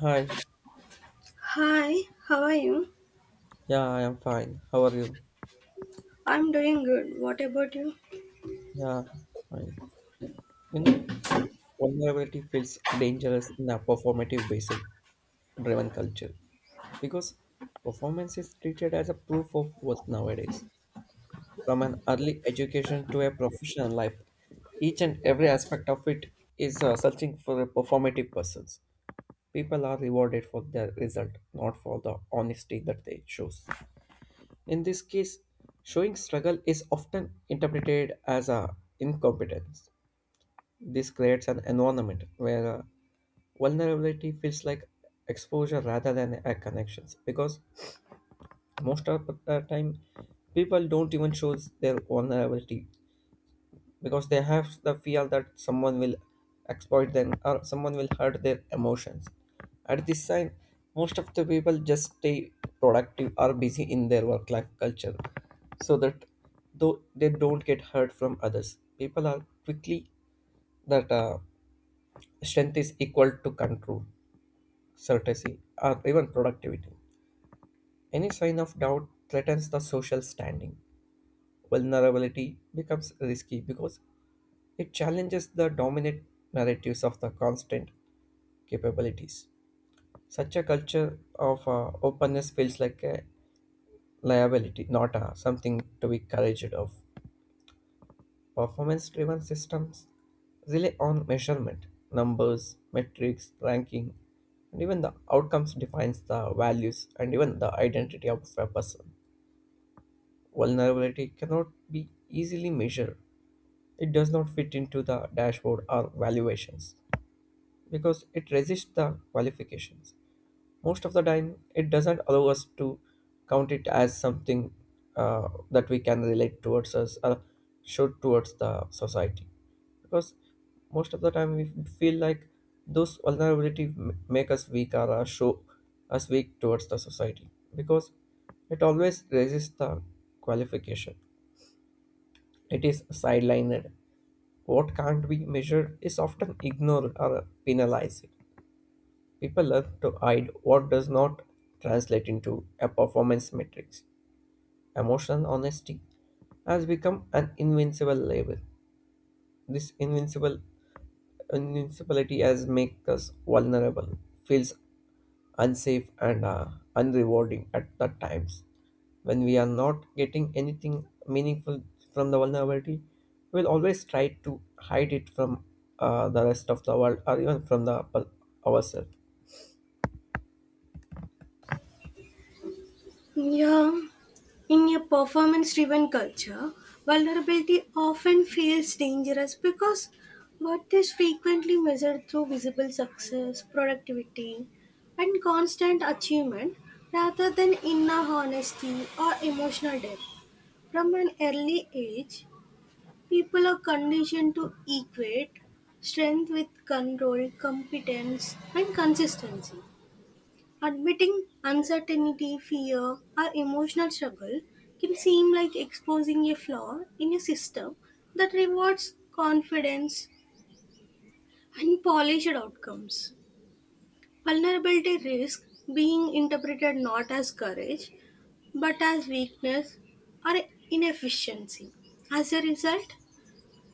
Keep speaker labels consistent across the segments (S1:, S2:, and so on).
S1: Hi.
S2: Hi, how are you?
S1: Yeah, I am fine. How are you?
S2: I'm doing good. What about you?
S1: Yeah, fine. You know, vulnerability feels dangerous in a performative based driven culture because performance is treated as a proof of worth nowadays. From an early education to a professional life, each and every aspect of it is searching for a performative persons. People are rewarded for their result, not for the honesty that they chose. In this case, showing struggle is often interpreted as a incompetence. This creates an environment where vulnerability feels like exposure rather than a connections, because most of the time people don't even show their vulnerability because they have the fear that someone will exploit them or someone will hurt their emotions. At this time, most of the people just stay productive or busy in their work life culture so that though they don't get hurt from others. People are quickly that strength is equal to control, certainty, or even productivity. Any sign of doubt threatens the social standing. Vulnerability becomes risky because it challenges the dominant narratives of the constant capabilities. Such a culture of openness feels like a liability, not something to be couraged of. Performance driven systems rely on measurement, numbers, metrics, ranking, and even the outcomes defines the values and even the identity of a person. Vulnerability cannot be easily measured. It does not fit into the dashboard or valuations, because it resists the qualifications. Most of the time, it doesn't allow us to count it as something that we can relate towards us or show towards the society. Because most of the time, we feel like those vulnerability make us weak or show us weak towards the society. Because it always resists the qualification, it is sidelined. What can't be measured is often ignored or penalized. People love to hide what does not translate into a performance matrix. Emotional honesty has become an invincible label. This invincible invincibility has made us vulnerable, feels unsafe and unrewarding at the times. When we are not getting anything meaningful from the vulnerability, we'll always try to hide it from the rest of the world or even from the ourselves.
S2: Yeah, in a performance driven culture, vulnerability often feels dangerous because what is frequently measured through visible success, productivity, and constant achievement rather than inner honesty or emotional depth. From an early age, people are conditioned to equate strength with control, competence, and consistency. Admitting uncertainty, fear, or emotional struggle can seem like exposing a flaw in a system that rewards confidence and polished outcomes. Vulnerability risks being interpreted not as courage but as weakness or inefficiency. As a result,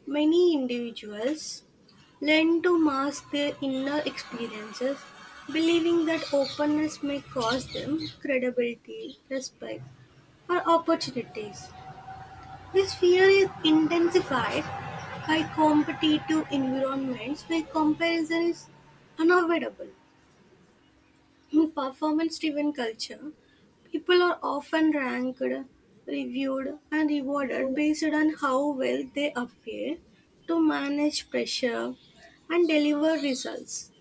S2: many individuals learn to mask their inner experiences, believing that openness may cost them credibility, respect, or opportunities. This fear is intensified by competitive environments where comparison is unavoidable. In performance-driven culture, people are often ranked, reviewed, and rewarded based on how well they appear to manage pressure and deliver results.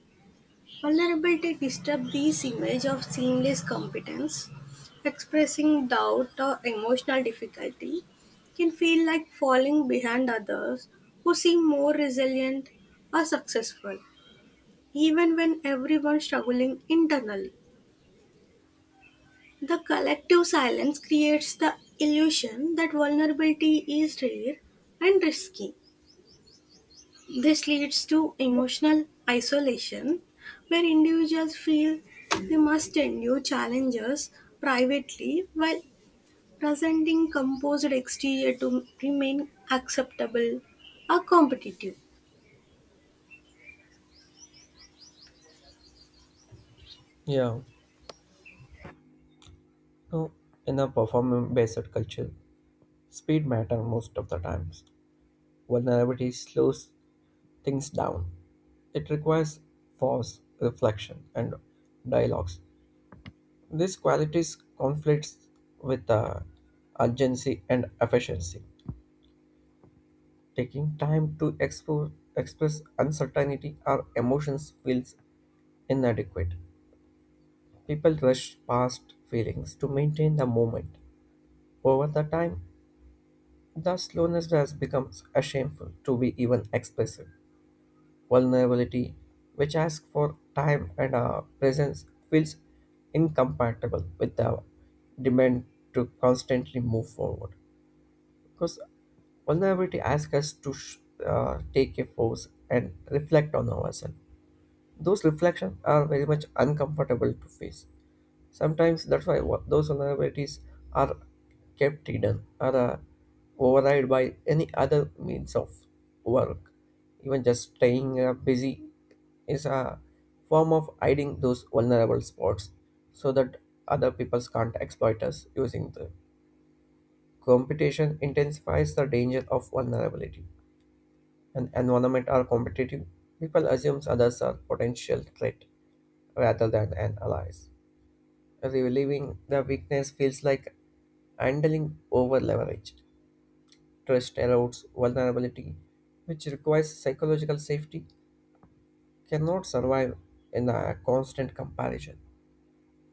S2: Vulnerability disturbs this image of seamless competence. Expressing doubt or emotional difficulty can feel like falling behind others who seem more resilient or successful, even when everyone's struggling internally. The collective silence creates the illusion that vulnerability is rare and risky. This leads to emotional isolation, where individuals feel they must endure challenges privately while presenting composed exterior to remain acceptable or competitive.
S1: Yeah. No, in a performance-based culture, speed matters most of the times. Vulnerability slows things down. It requires pause, reflection, and dialogues. These qualities conflicts with urgency and efficiency. Taking time to express uncertainty or emotions feels inadequate. People rush past feelings to maintain the moment. Over the time, the slowness has become a shameful to be even expressive. Vulnerability, which asks for time and presence, feels incompatible with the demand to constantly move forward. Because vulnerability asks us to take a pause and reflect on ourselves. Those reflections are very much uncomfortable to face. Sometimes that's why those vulnerabilities are kept hidden or override by any other means of work. Even just staying busy is a form of hiding those vulnerable spots so that other people can't exploit us using the competition intensifies the danger of vulnerability. An environment are competitive, people assume others are potential threat rather than an allies. Relieving the weakness feels like handling over leverage. Trust erodes vulnerability, which requires psychological safety, cannot survive in a constant comparison.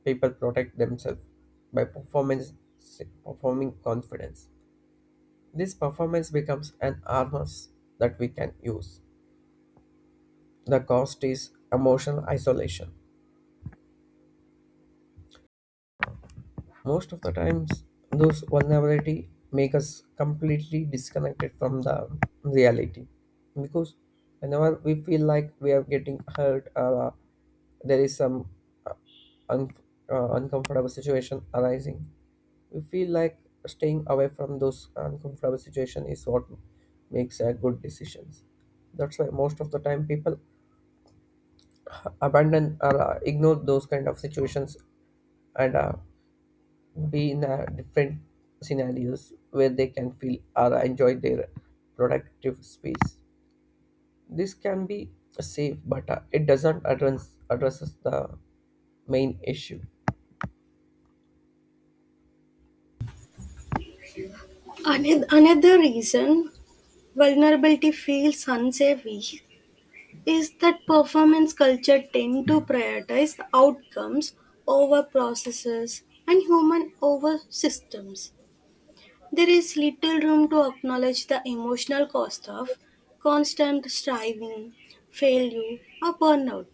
S1: People protect themselves by performing confidence. This performance becomes an armor that we can use. The cost is emotional isolation. Most of the times, those vulnerability make us completely disconnected from the reality, because whenever we feel like we are getting hurt or there is some uh, un- uncomfortable situation arising, we feel like staying away from those uncomfortable situation is what makes good decisions. That's why most of the time people abandon or ignore those kind of situations and be in a different scenarios where they can feel or enjoy their productive space. This can be safe, but it doesn't addresses the main issue.
S2: Another reason vulnerability feels unsafe is that performance culture tend to prioritize outcomes over processes and human over systems. There is little room to acknowledge the emotional cost of constant striving, failure, or burnout.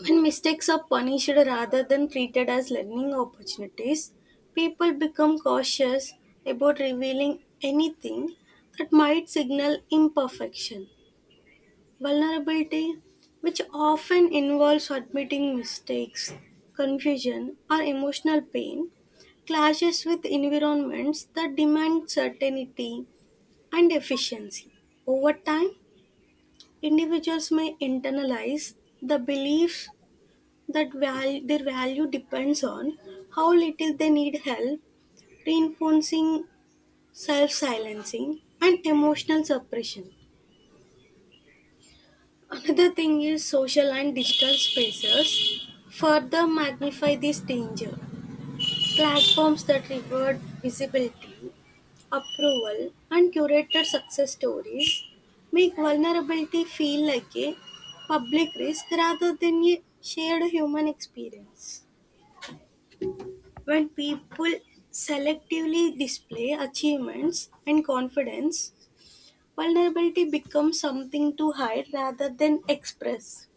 S2: When mistakes are punished rather than treated as learning opportunities, people become cautious about revealing anything that might signal imperfection. Vulnerability, which often involves admitting mistakes, confusion, or emotional pain, clashes with environments that demand certainty and efficiency. Over time, individuals may internalize the belief that their value depends on how little they need help, reinforcing self silencing and emotional suppression. Another thing is social and digital spaces further magnify this danger. Platforms that reward visibility, approval, and curated success stories make vulnerability feel like a public risk rather than a shared human experience. When people selectively display achievements and confidence, vulnerability becomes something to hide rather than express.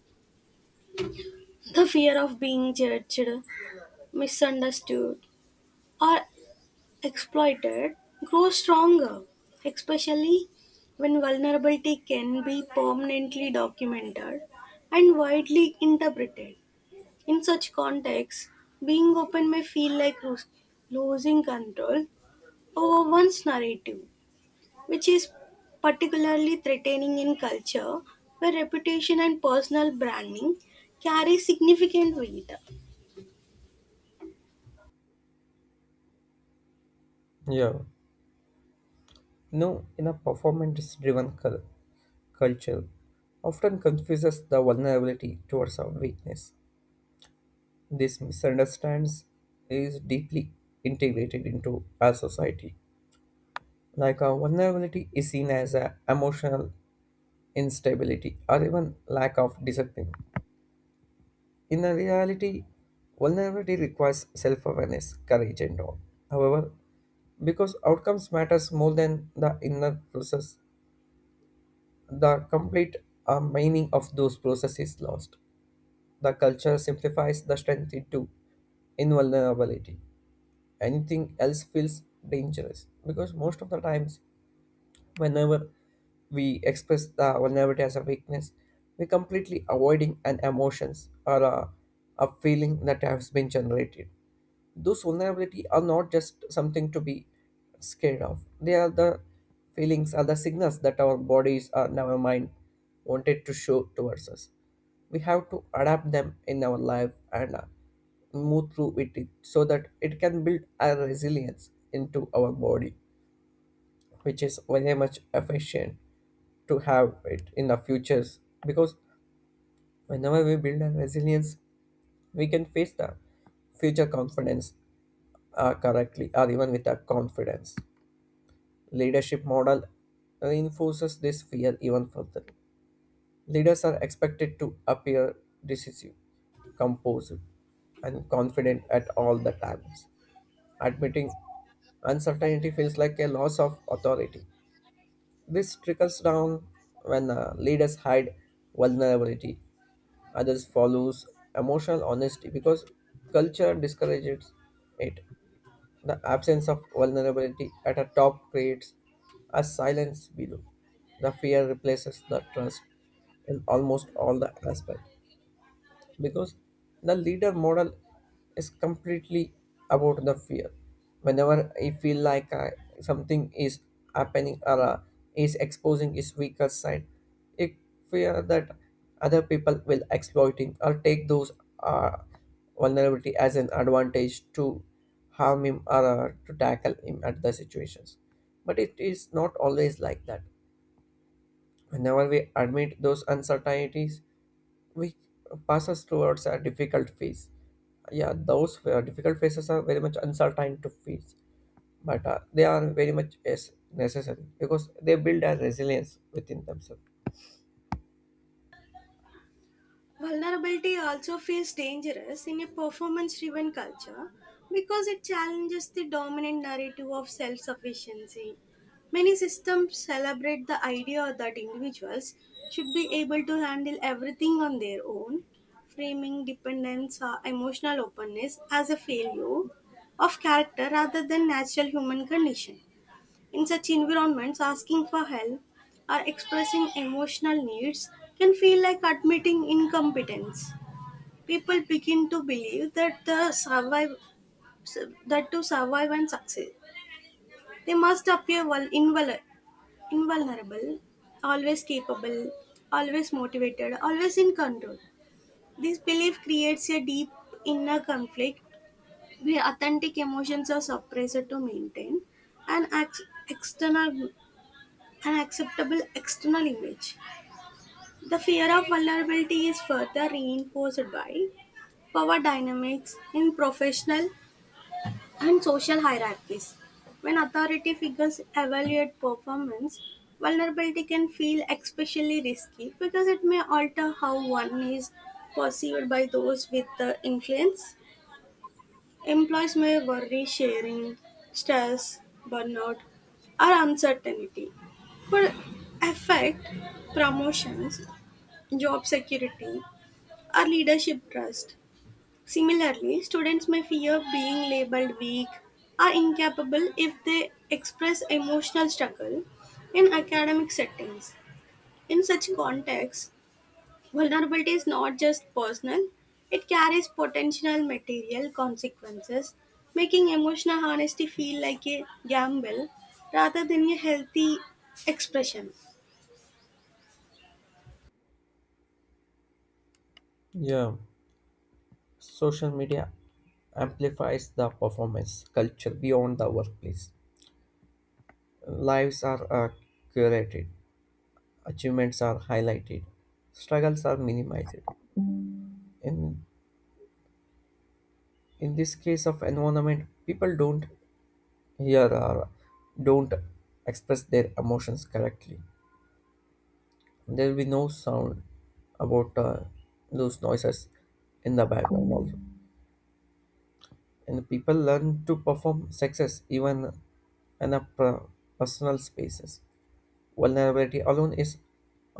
S2: The fear of being judged, misunderstood, or exploited grows stronger, especially when vulnerability can be permanently documented and widely interpreted. In such contexts, being open may feel like losing control over one's narrative, which is particularly threatening in culture where reputation and personal branding carry significant weight.
S1: Yeah, you in a culture, often confuses the vulnerability towards our weakness. This misunderstands is deeply integrated into our society. Like, our vulnerability is seen as an emotional instability, or even lack of discipline. In a reality, vulnerability requires self awareness, courage, and all. However, because outcomes matters more than the inner process, the complete meaning of those processes is lost. The culture simplifies the strength into invulnerability. Anything else feels dangerous because most of the times whenever we express the vulnerability as a weakness, we're completely avoiding an emotions or a feeling that has been generated. Those vulnerability are not just something to be scared of. They are the feelings, are the signals that our bodies or our mind wanted to show towards us. We have to adapt them in our life and move through with it so that it can build a resilience into our body, which is very much efficient to have it in the futures. Because whenever we build our resilience, we can face the future confidence correctly or even with our confidence. Leadership model reinforces this fear even further. Leaders are expected to appear decisive, composed, and confident at all the times. Admitting uncertainty feels like a loss of authority. This trickles down. When leaders hide vulnerability, others follows emotional honesty because culture discourages it. The absence of vulnerability at a top creates a silence below. The fear replaces the trust in almost all the aspect, because the leader model is completely about the fear. Whenever I feel like something is happening or is exposing its weaker side, it fear that other people will exploiting or take those uh, vulnerability as an advantage to harm him or to tackle him at the situations. But it is not always like that. Whenever we admit those uncertainties, we passes towards a difficult phase. Yeah, those difficult phases are very much uncertain to face, but they are very much, yes, necessary because they build a resilience within themselves.
S2: Vulnerability also feels dangerous in a performance driven culture because it challenges the dominant narrative of self sufficiency. Many systems celebrate the idea that individuals should be able to handle everything on their own, framing dependence or emotional openness as a failure of character rather than natural human condition. In such environments, asking for help or expressing emotional needs can feel like admitting incompetence. People begin to believe that the survive that to survive and succeed, they must appear invulnerable, always capable, always motivated, always in control. This belief creates a deep inner conflict where authentic emotions are suppressed to maintain an ex- external an acceptable external image. The fear of vulnerability is further reinforced by power dynamics in professional and social hierarchies. When authority figures evaluate performance, vulnerability can feel especially risky because it may alter how one is perceived by those with the influence. Employees may worry sharing, stress, burnout, or uncertainty could affect promotions, job security, or leadership trust. Similarly, students may fear being labeled weak or incapable if they express emotional struggle in academic settings. In such contexts, vulnerability is not just personal, it carries potential material consequences, making emotional honesty feel like a gamble rather than a healthy expression.
S1: Yeah, social media amplifies the performance culture beyond the workplace. Lives are curated, achievements are highlighted, struggles are minimized. In in this case of environment, people don't hear or don't express their emotions correctly. There will be no sound about those noises in the background also, and people learn to perform success even in a personal spaces. Vulnerability alone is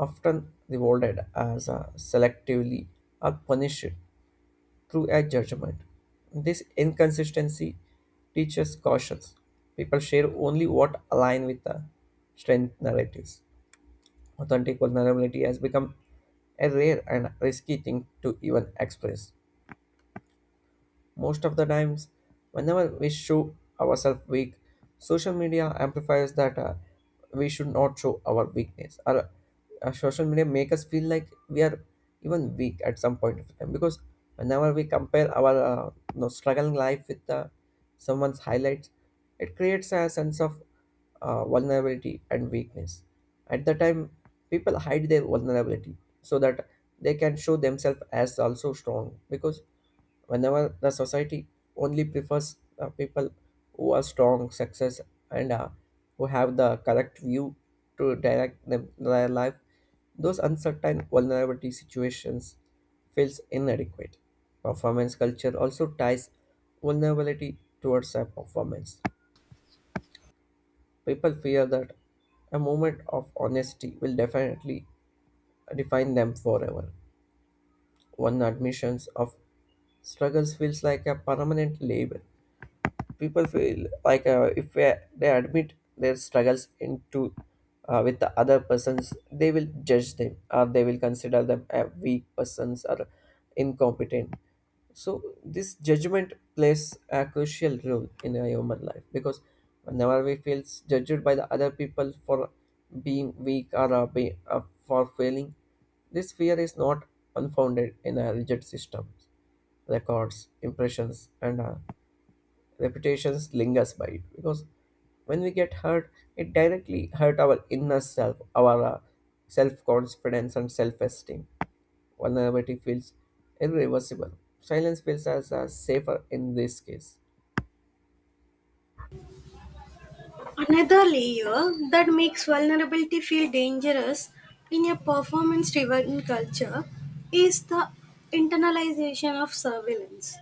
S1: often rewarded as selectively or punished through a judgment. This inconsistency teaches caution. People share only what align with the strength narratives. Authentic vulnerability has become a rare and risky thing to even express. Most of the times, whenever we show ourselves weak, social media amplifies that we should not show our weakness. Or social media make us feel like we are even weak at some point of time, because whenever we compare our struggling life with someone's highlights, it creates a sense of vulnerability and weakness. At the time, people hide their vulnerability so that they can show themselves as also strong, because whenever the society only prefers people who are strong success and who have the correct view to direct them, their life, those uncertain vulnerability situations feels inadequate. Performance culture also ties vulnerability towards a performance. People fear that a moment of honesty will definitely define them forever. One admissions of struggles feels like a permanent label. People feel like if they admit their struggles into with the other persons, they will judge them or they will consider them a weak persons or incompetent. So this judgment plays a crucial role in a human life, because whenever we feel judged by the other people for being weak or for failing, this fear is not unfounded in a rigid system. Records impressions and reputations lingers by it, because when we get hurt it directly hurt our inner self, our self-confidence and self-esteem. Vulnerability feels irreversible. Silence feels as safer in this case.
S2: Another layer that makes vulnerability feel dangerous in a performance driven culture is the internalization of surveillance.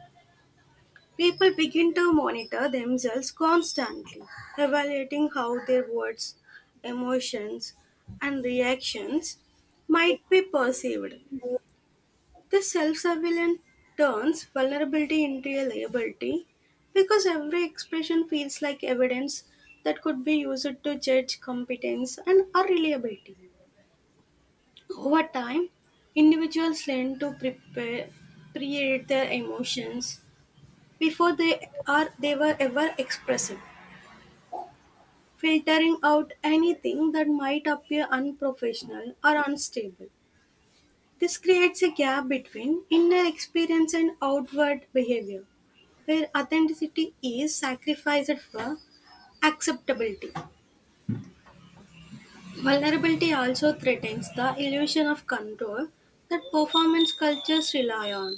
S2: People begin to monitor themselves constantly, evaluating how their words, emotions, and reactions might be perceived. This self surveillance turns vulnerability into a liability because every expression feels like evidence that could be used to judge competence and or reliability. Over time, individuals learn to prepare, create their emotions before they were ever expressed, filtering out anything that might appear unprofessional or unstable. This creates a gap between inner experience and outward behavior, where authenticity is sacrificed for acceptability. Vulnerability also threatens the illusion of control that performance cultures rely on.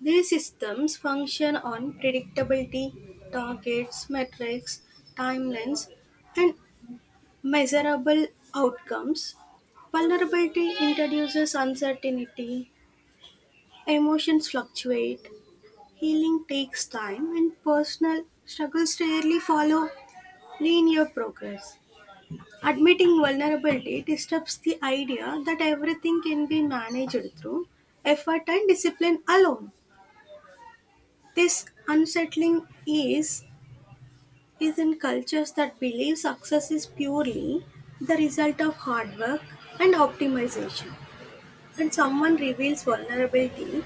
S2: These systems function on predictability, targets, metrics, timelines, and measurable outcomes. Vulnerability introduces uncertainty, emotions fluctuate, healing takes time, and personal struggles rarely follow linear progress. Admitting vulnerability disturbs the idea that everything can be managed through effort and discipline alone. This unsettling ease is in cultures that believe success is purely the result of hard work and optimization. When someone reveals vulnerability,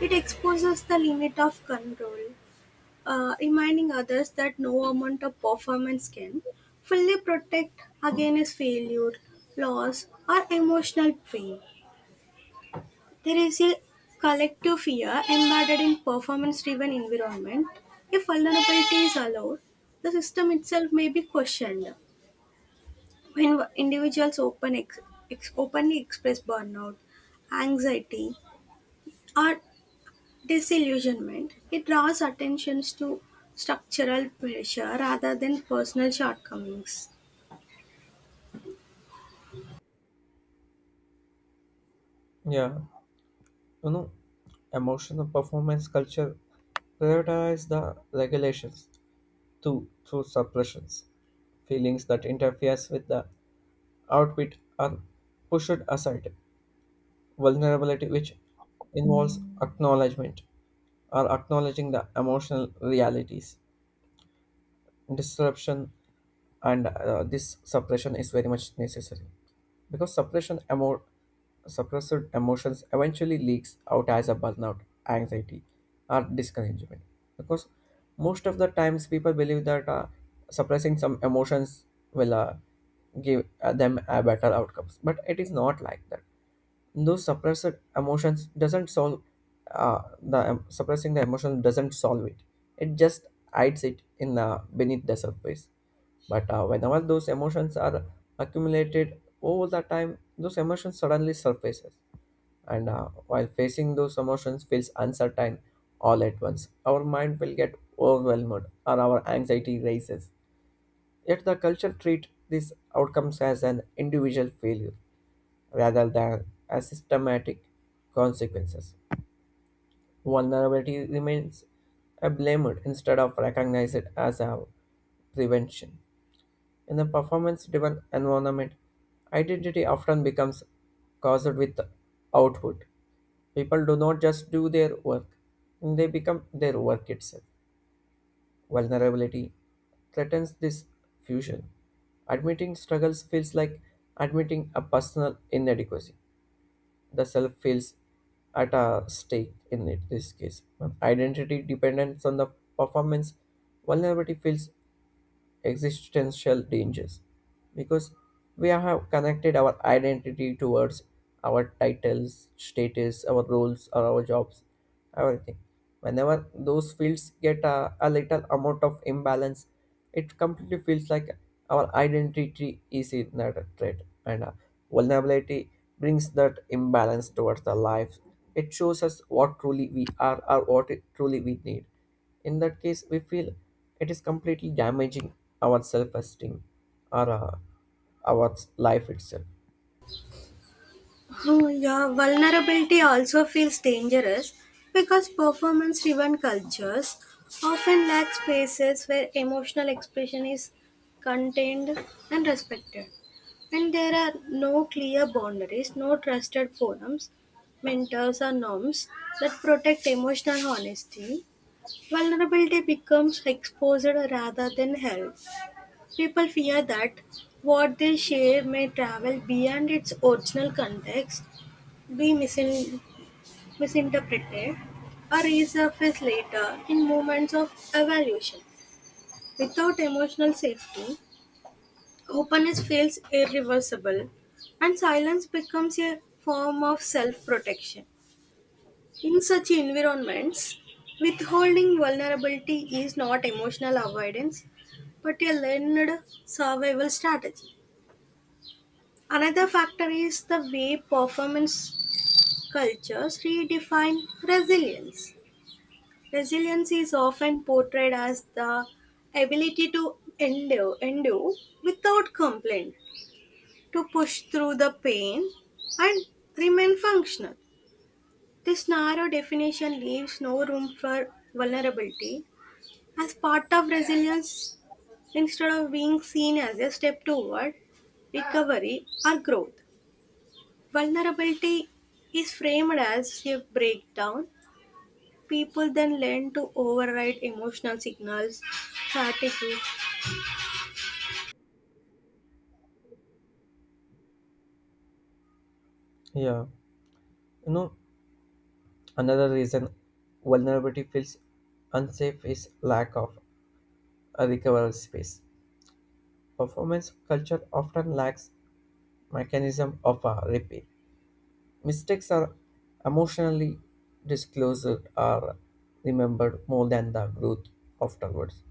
S2: it exposes the limit of control, reminding others that no amount of performance can fully protect against failure, loss, or emotional pain. There is a collective fear embedded in performance-driven environment. If vulnerability is allowed, the system itself may be questioned. When individuals openly express burnout, anxiety, or disillusionment, it draws attention to structural pressure rather than personal shortcomings.
S1: Yeah you know Emotional performance culture prioritize the regulations too through suppressions. Feelings that interferes with the outfit are pushed aside. Vulnerability, which involves acknowledgement or acknowledging the emotional realities. Disruption and this suppression is very much necessary, because suppressed emotions eventually leaks out as a burnout, anxiety, or discouragement. Because most of the times people believe that suppressing some emotions will give them a better outcomes, but it is not like that. Those suppressed emotions doesn't solve suppressing the emotion doesn't solve it, it just hides it in the beneath the surface. But whenever those emotions are accumulated over the time, those emotions suddenly surfaces, and while facing those emotions feels uncertain, all at once our mind will get overwhelmed or our anxiety rises. Yet the culture treats these outcomes as an individual failure rather than as systematic consequences. Vulnerability remains a blamed instead of recognized as a prevention. In a performance driven environment, identity often becomes caused with output. People do not just do their work, they become their work itself. Vulnerability threatens this fusion. Admitting struggles feels like admitting a personal inadequacy. The self feels at a stake in it, this case. Identity dependence on the performance, vulnerability feels existential dangers because we have connected our identity towards our titles, status, our roles, or our jobs, everything. Whenever those fields get a little amount of imbalance, it completely feels like our identity is in that threat, and vulnerability brings that imbalance towards the life. It shows us what truly we are or what truly we need. In that case we feel it is completely damaging our self-esteem or our life itself.
S2: Oh, yeah, vulnerability also feels dangerous because performance driven cultures often lack spaces where emotional expression is contained and respected. And there are no clear boundaries, no trusted forums, mentors, or norms that protect emotional honesty. Vulnerability becomes exposed rather than helped; people fear that what they share may travel beyond its original context, be misinterpreted, or resurface later in moments of evaluation. Without emotional safety, openness feels irreversible, and silence becomes a form of self protection. In such environments, withholding vulnerability is not emotional avoidance but a learned survival strategy. Another factor is the way performance cultures redefine resilience. Resilience is often portrayed as the ability to endure without complaint, to push through the pain and remain functional. This narrow definition leaves no room for vulnerability as part of resilience. Instead of being seen as a step toward recovery or growth, vulnerability is framed as a breakdown. People then learn to override emotional signals, fatigue.
S1: Yeah, you know another reason vulnerability feels unsafe is lack of a recovery space. Performance culture often lacks mechanism of a repair. Mistakes are emotionally disclosed or remembered more than the growth afterwards.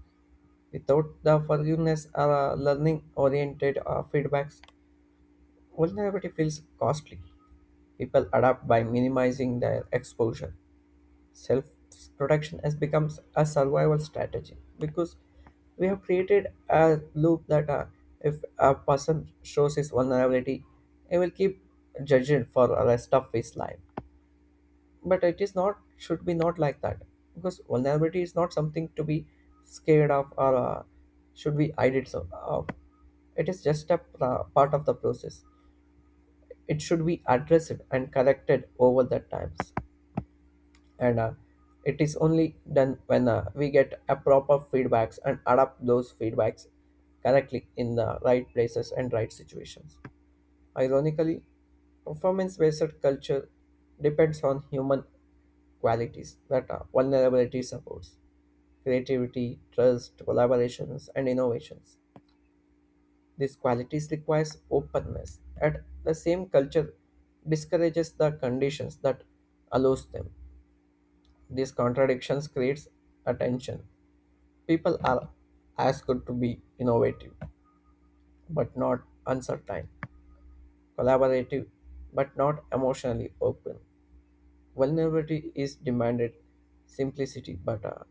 S1: Without the forgiveness or learning oriented feedbacks, vulnerability feels costly. People adapt by minimizing their exposure. Self protection has become a survival strategy because we have created a loop that if a person shows his vulnerability, he will keep judged for the rest of his life, but it is not should be not like that, because vulnerability is not something to be scared of or should be idled so of. It is just a part of the process. It should be addressed and corrected over the times, and it is only done when we get a proper feedbacks and adapt those feedbacks correctly in the right places and right situations. Ironically, performance based culture depends on human qualities that vulnerability supports: creativity, trust, collaborations, and innovations. These qualities requires openness. At the same culture discourages the conditions that allows them. These contradictions creates attention. People are asked to be innovative but not uncertain, collaborative but not emotionally open. Vulnerability is demanded, simplicity, but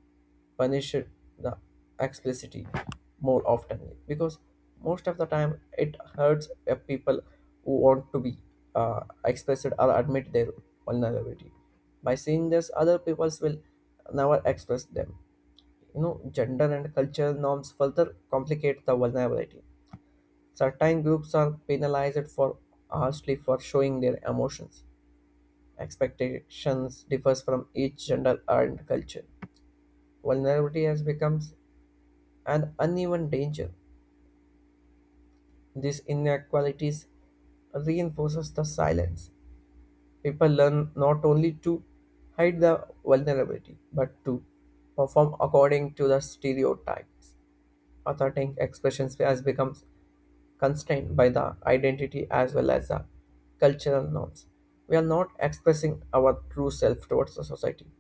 S1: punished the explicitity more often, because most of the time it hurts people who want to be explicit or admit their vulnerability. By seeing this, other peoples will never express them. You know, gender and cultural norms further complicate the vulnerability. Certain groups are penalized for harshly for showing their emotions. Expectations differs from each gender and culture. Vulnerability has become an uneven danger. These inequalities reinforces the silence. People learn not only to hide the vulnerability but to perform according to the stereotypes. Authentic expression has become constrained by the identity as well as the cultural norms. We are not expressing our true self towards the society.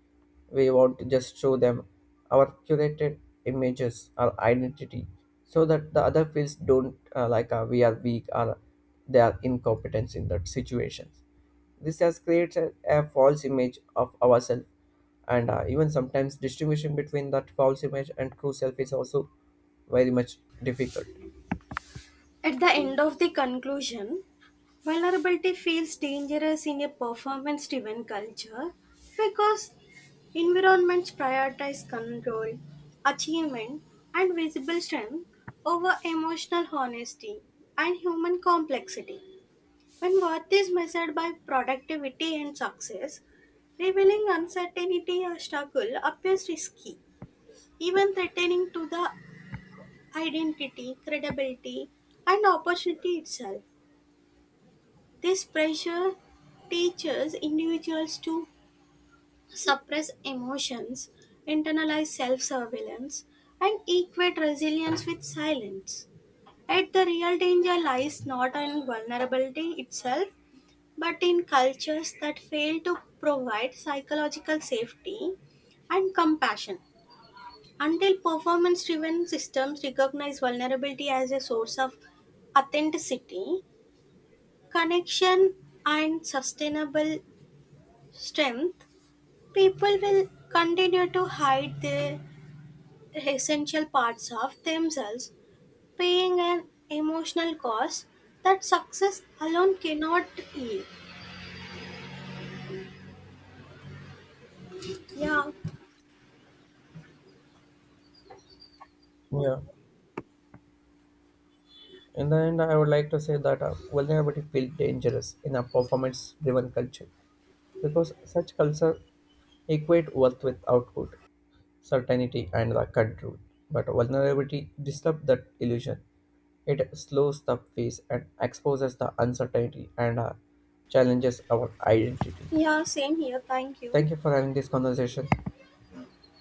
S1: We want to just show them our curated images, our identity, so that the other fields don't like we are weak or they are incompetent in that situations. This has created a false image of ourselves, and even sometimes distinguishing between that false image and true self is also very much difficult.
S2: At the end of the conclusion, vulnerability feels dangerous in a performance driven culture because environments prioritize control, achievement, and visible strength over emotional honesty and human complexity. When worth is measured by productivity and success, revealing uncertainty or struggle appears risky, even threatening to the identity, credibility, and opportunity itself. This pressure teaches individuals to suppress emotions, internalize self surveillance, and equate resilience with silence. Yet the real danger lies not in vulnerability itself, but in cultures that fail to provide psychological safety and compassion. Until performance driven systems recognize vulnerability as a source of authenticity, connection, and sustainable strength, people will continue to hide the essential parts of themselves, paying an emotional cost that success alone cannot heal. Yeah,
S1: Yeah. In the end, I would like to say that vulnerability feels dangerous in a performance driven culture because such culture equate worth with output, certainty, and the control. But vulnerability disturbs that illusion. It slows the pace and exposes the uncertainty and challenges our identity.
S2: yeah, same here. Thank you.
S1: Thank you for having this conversation.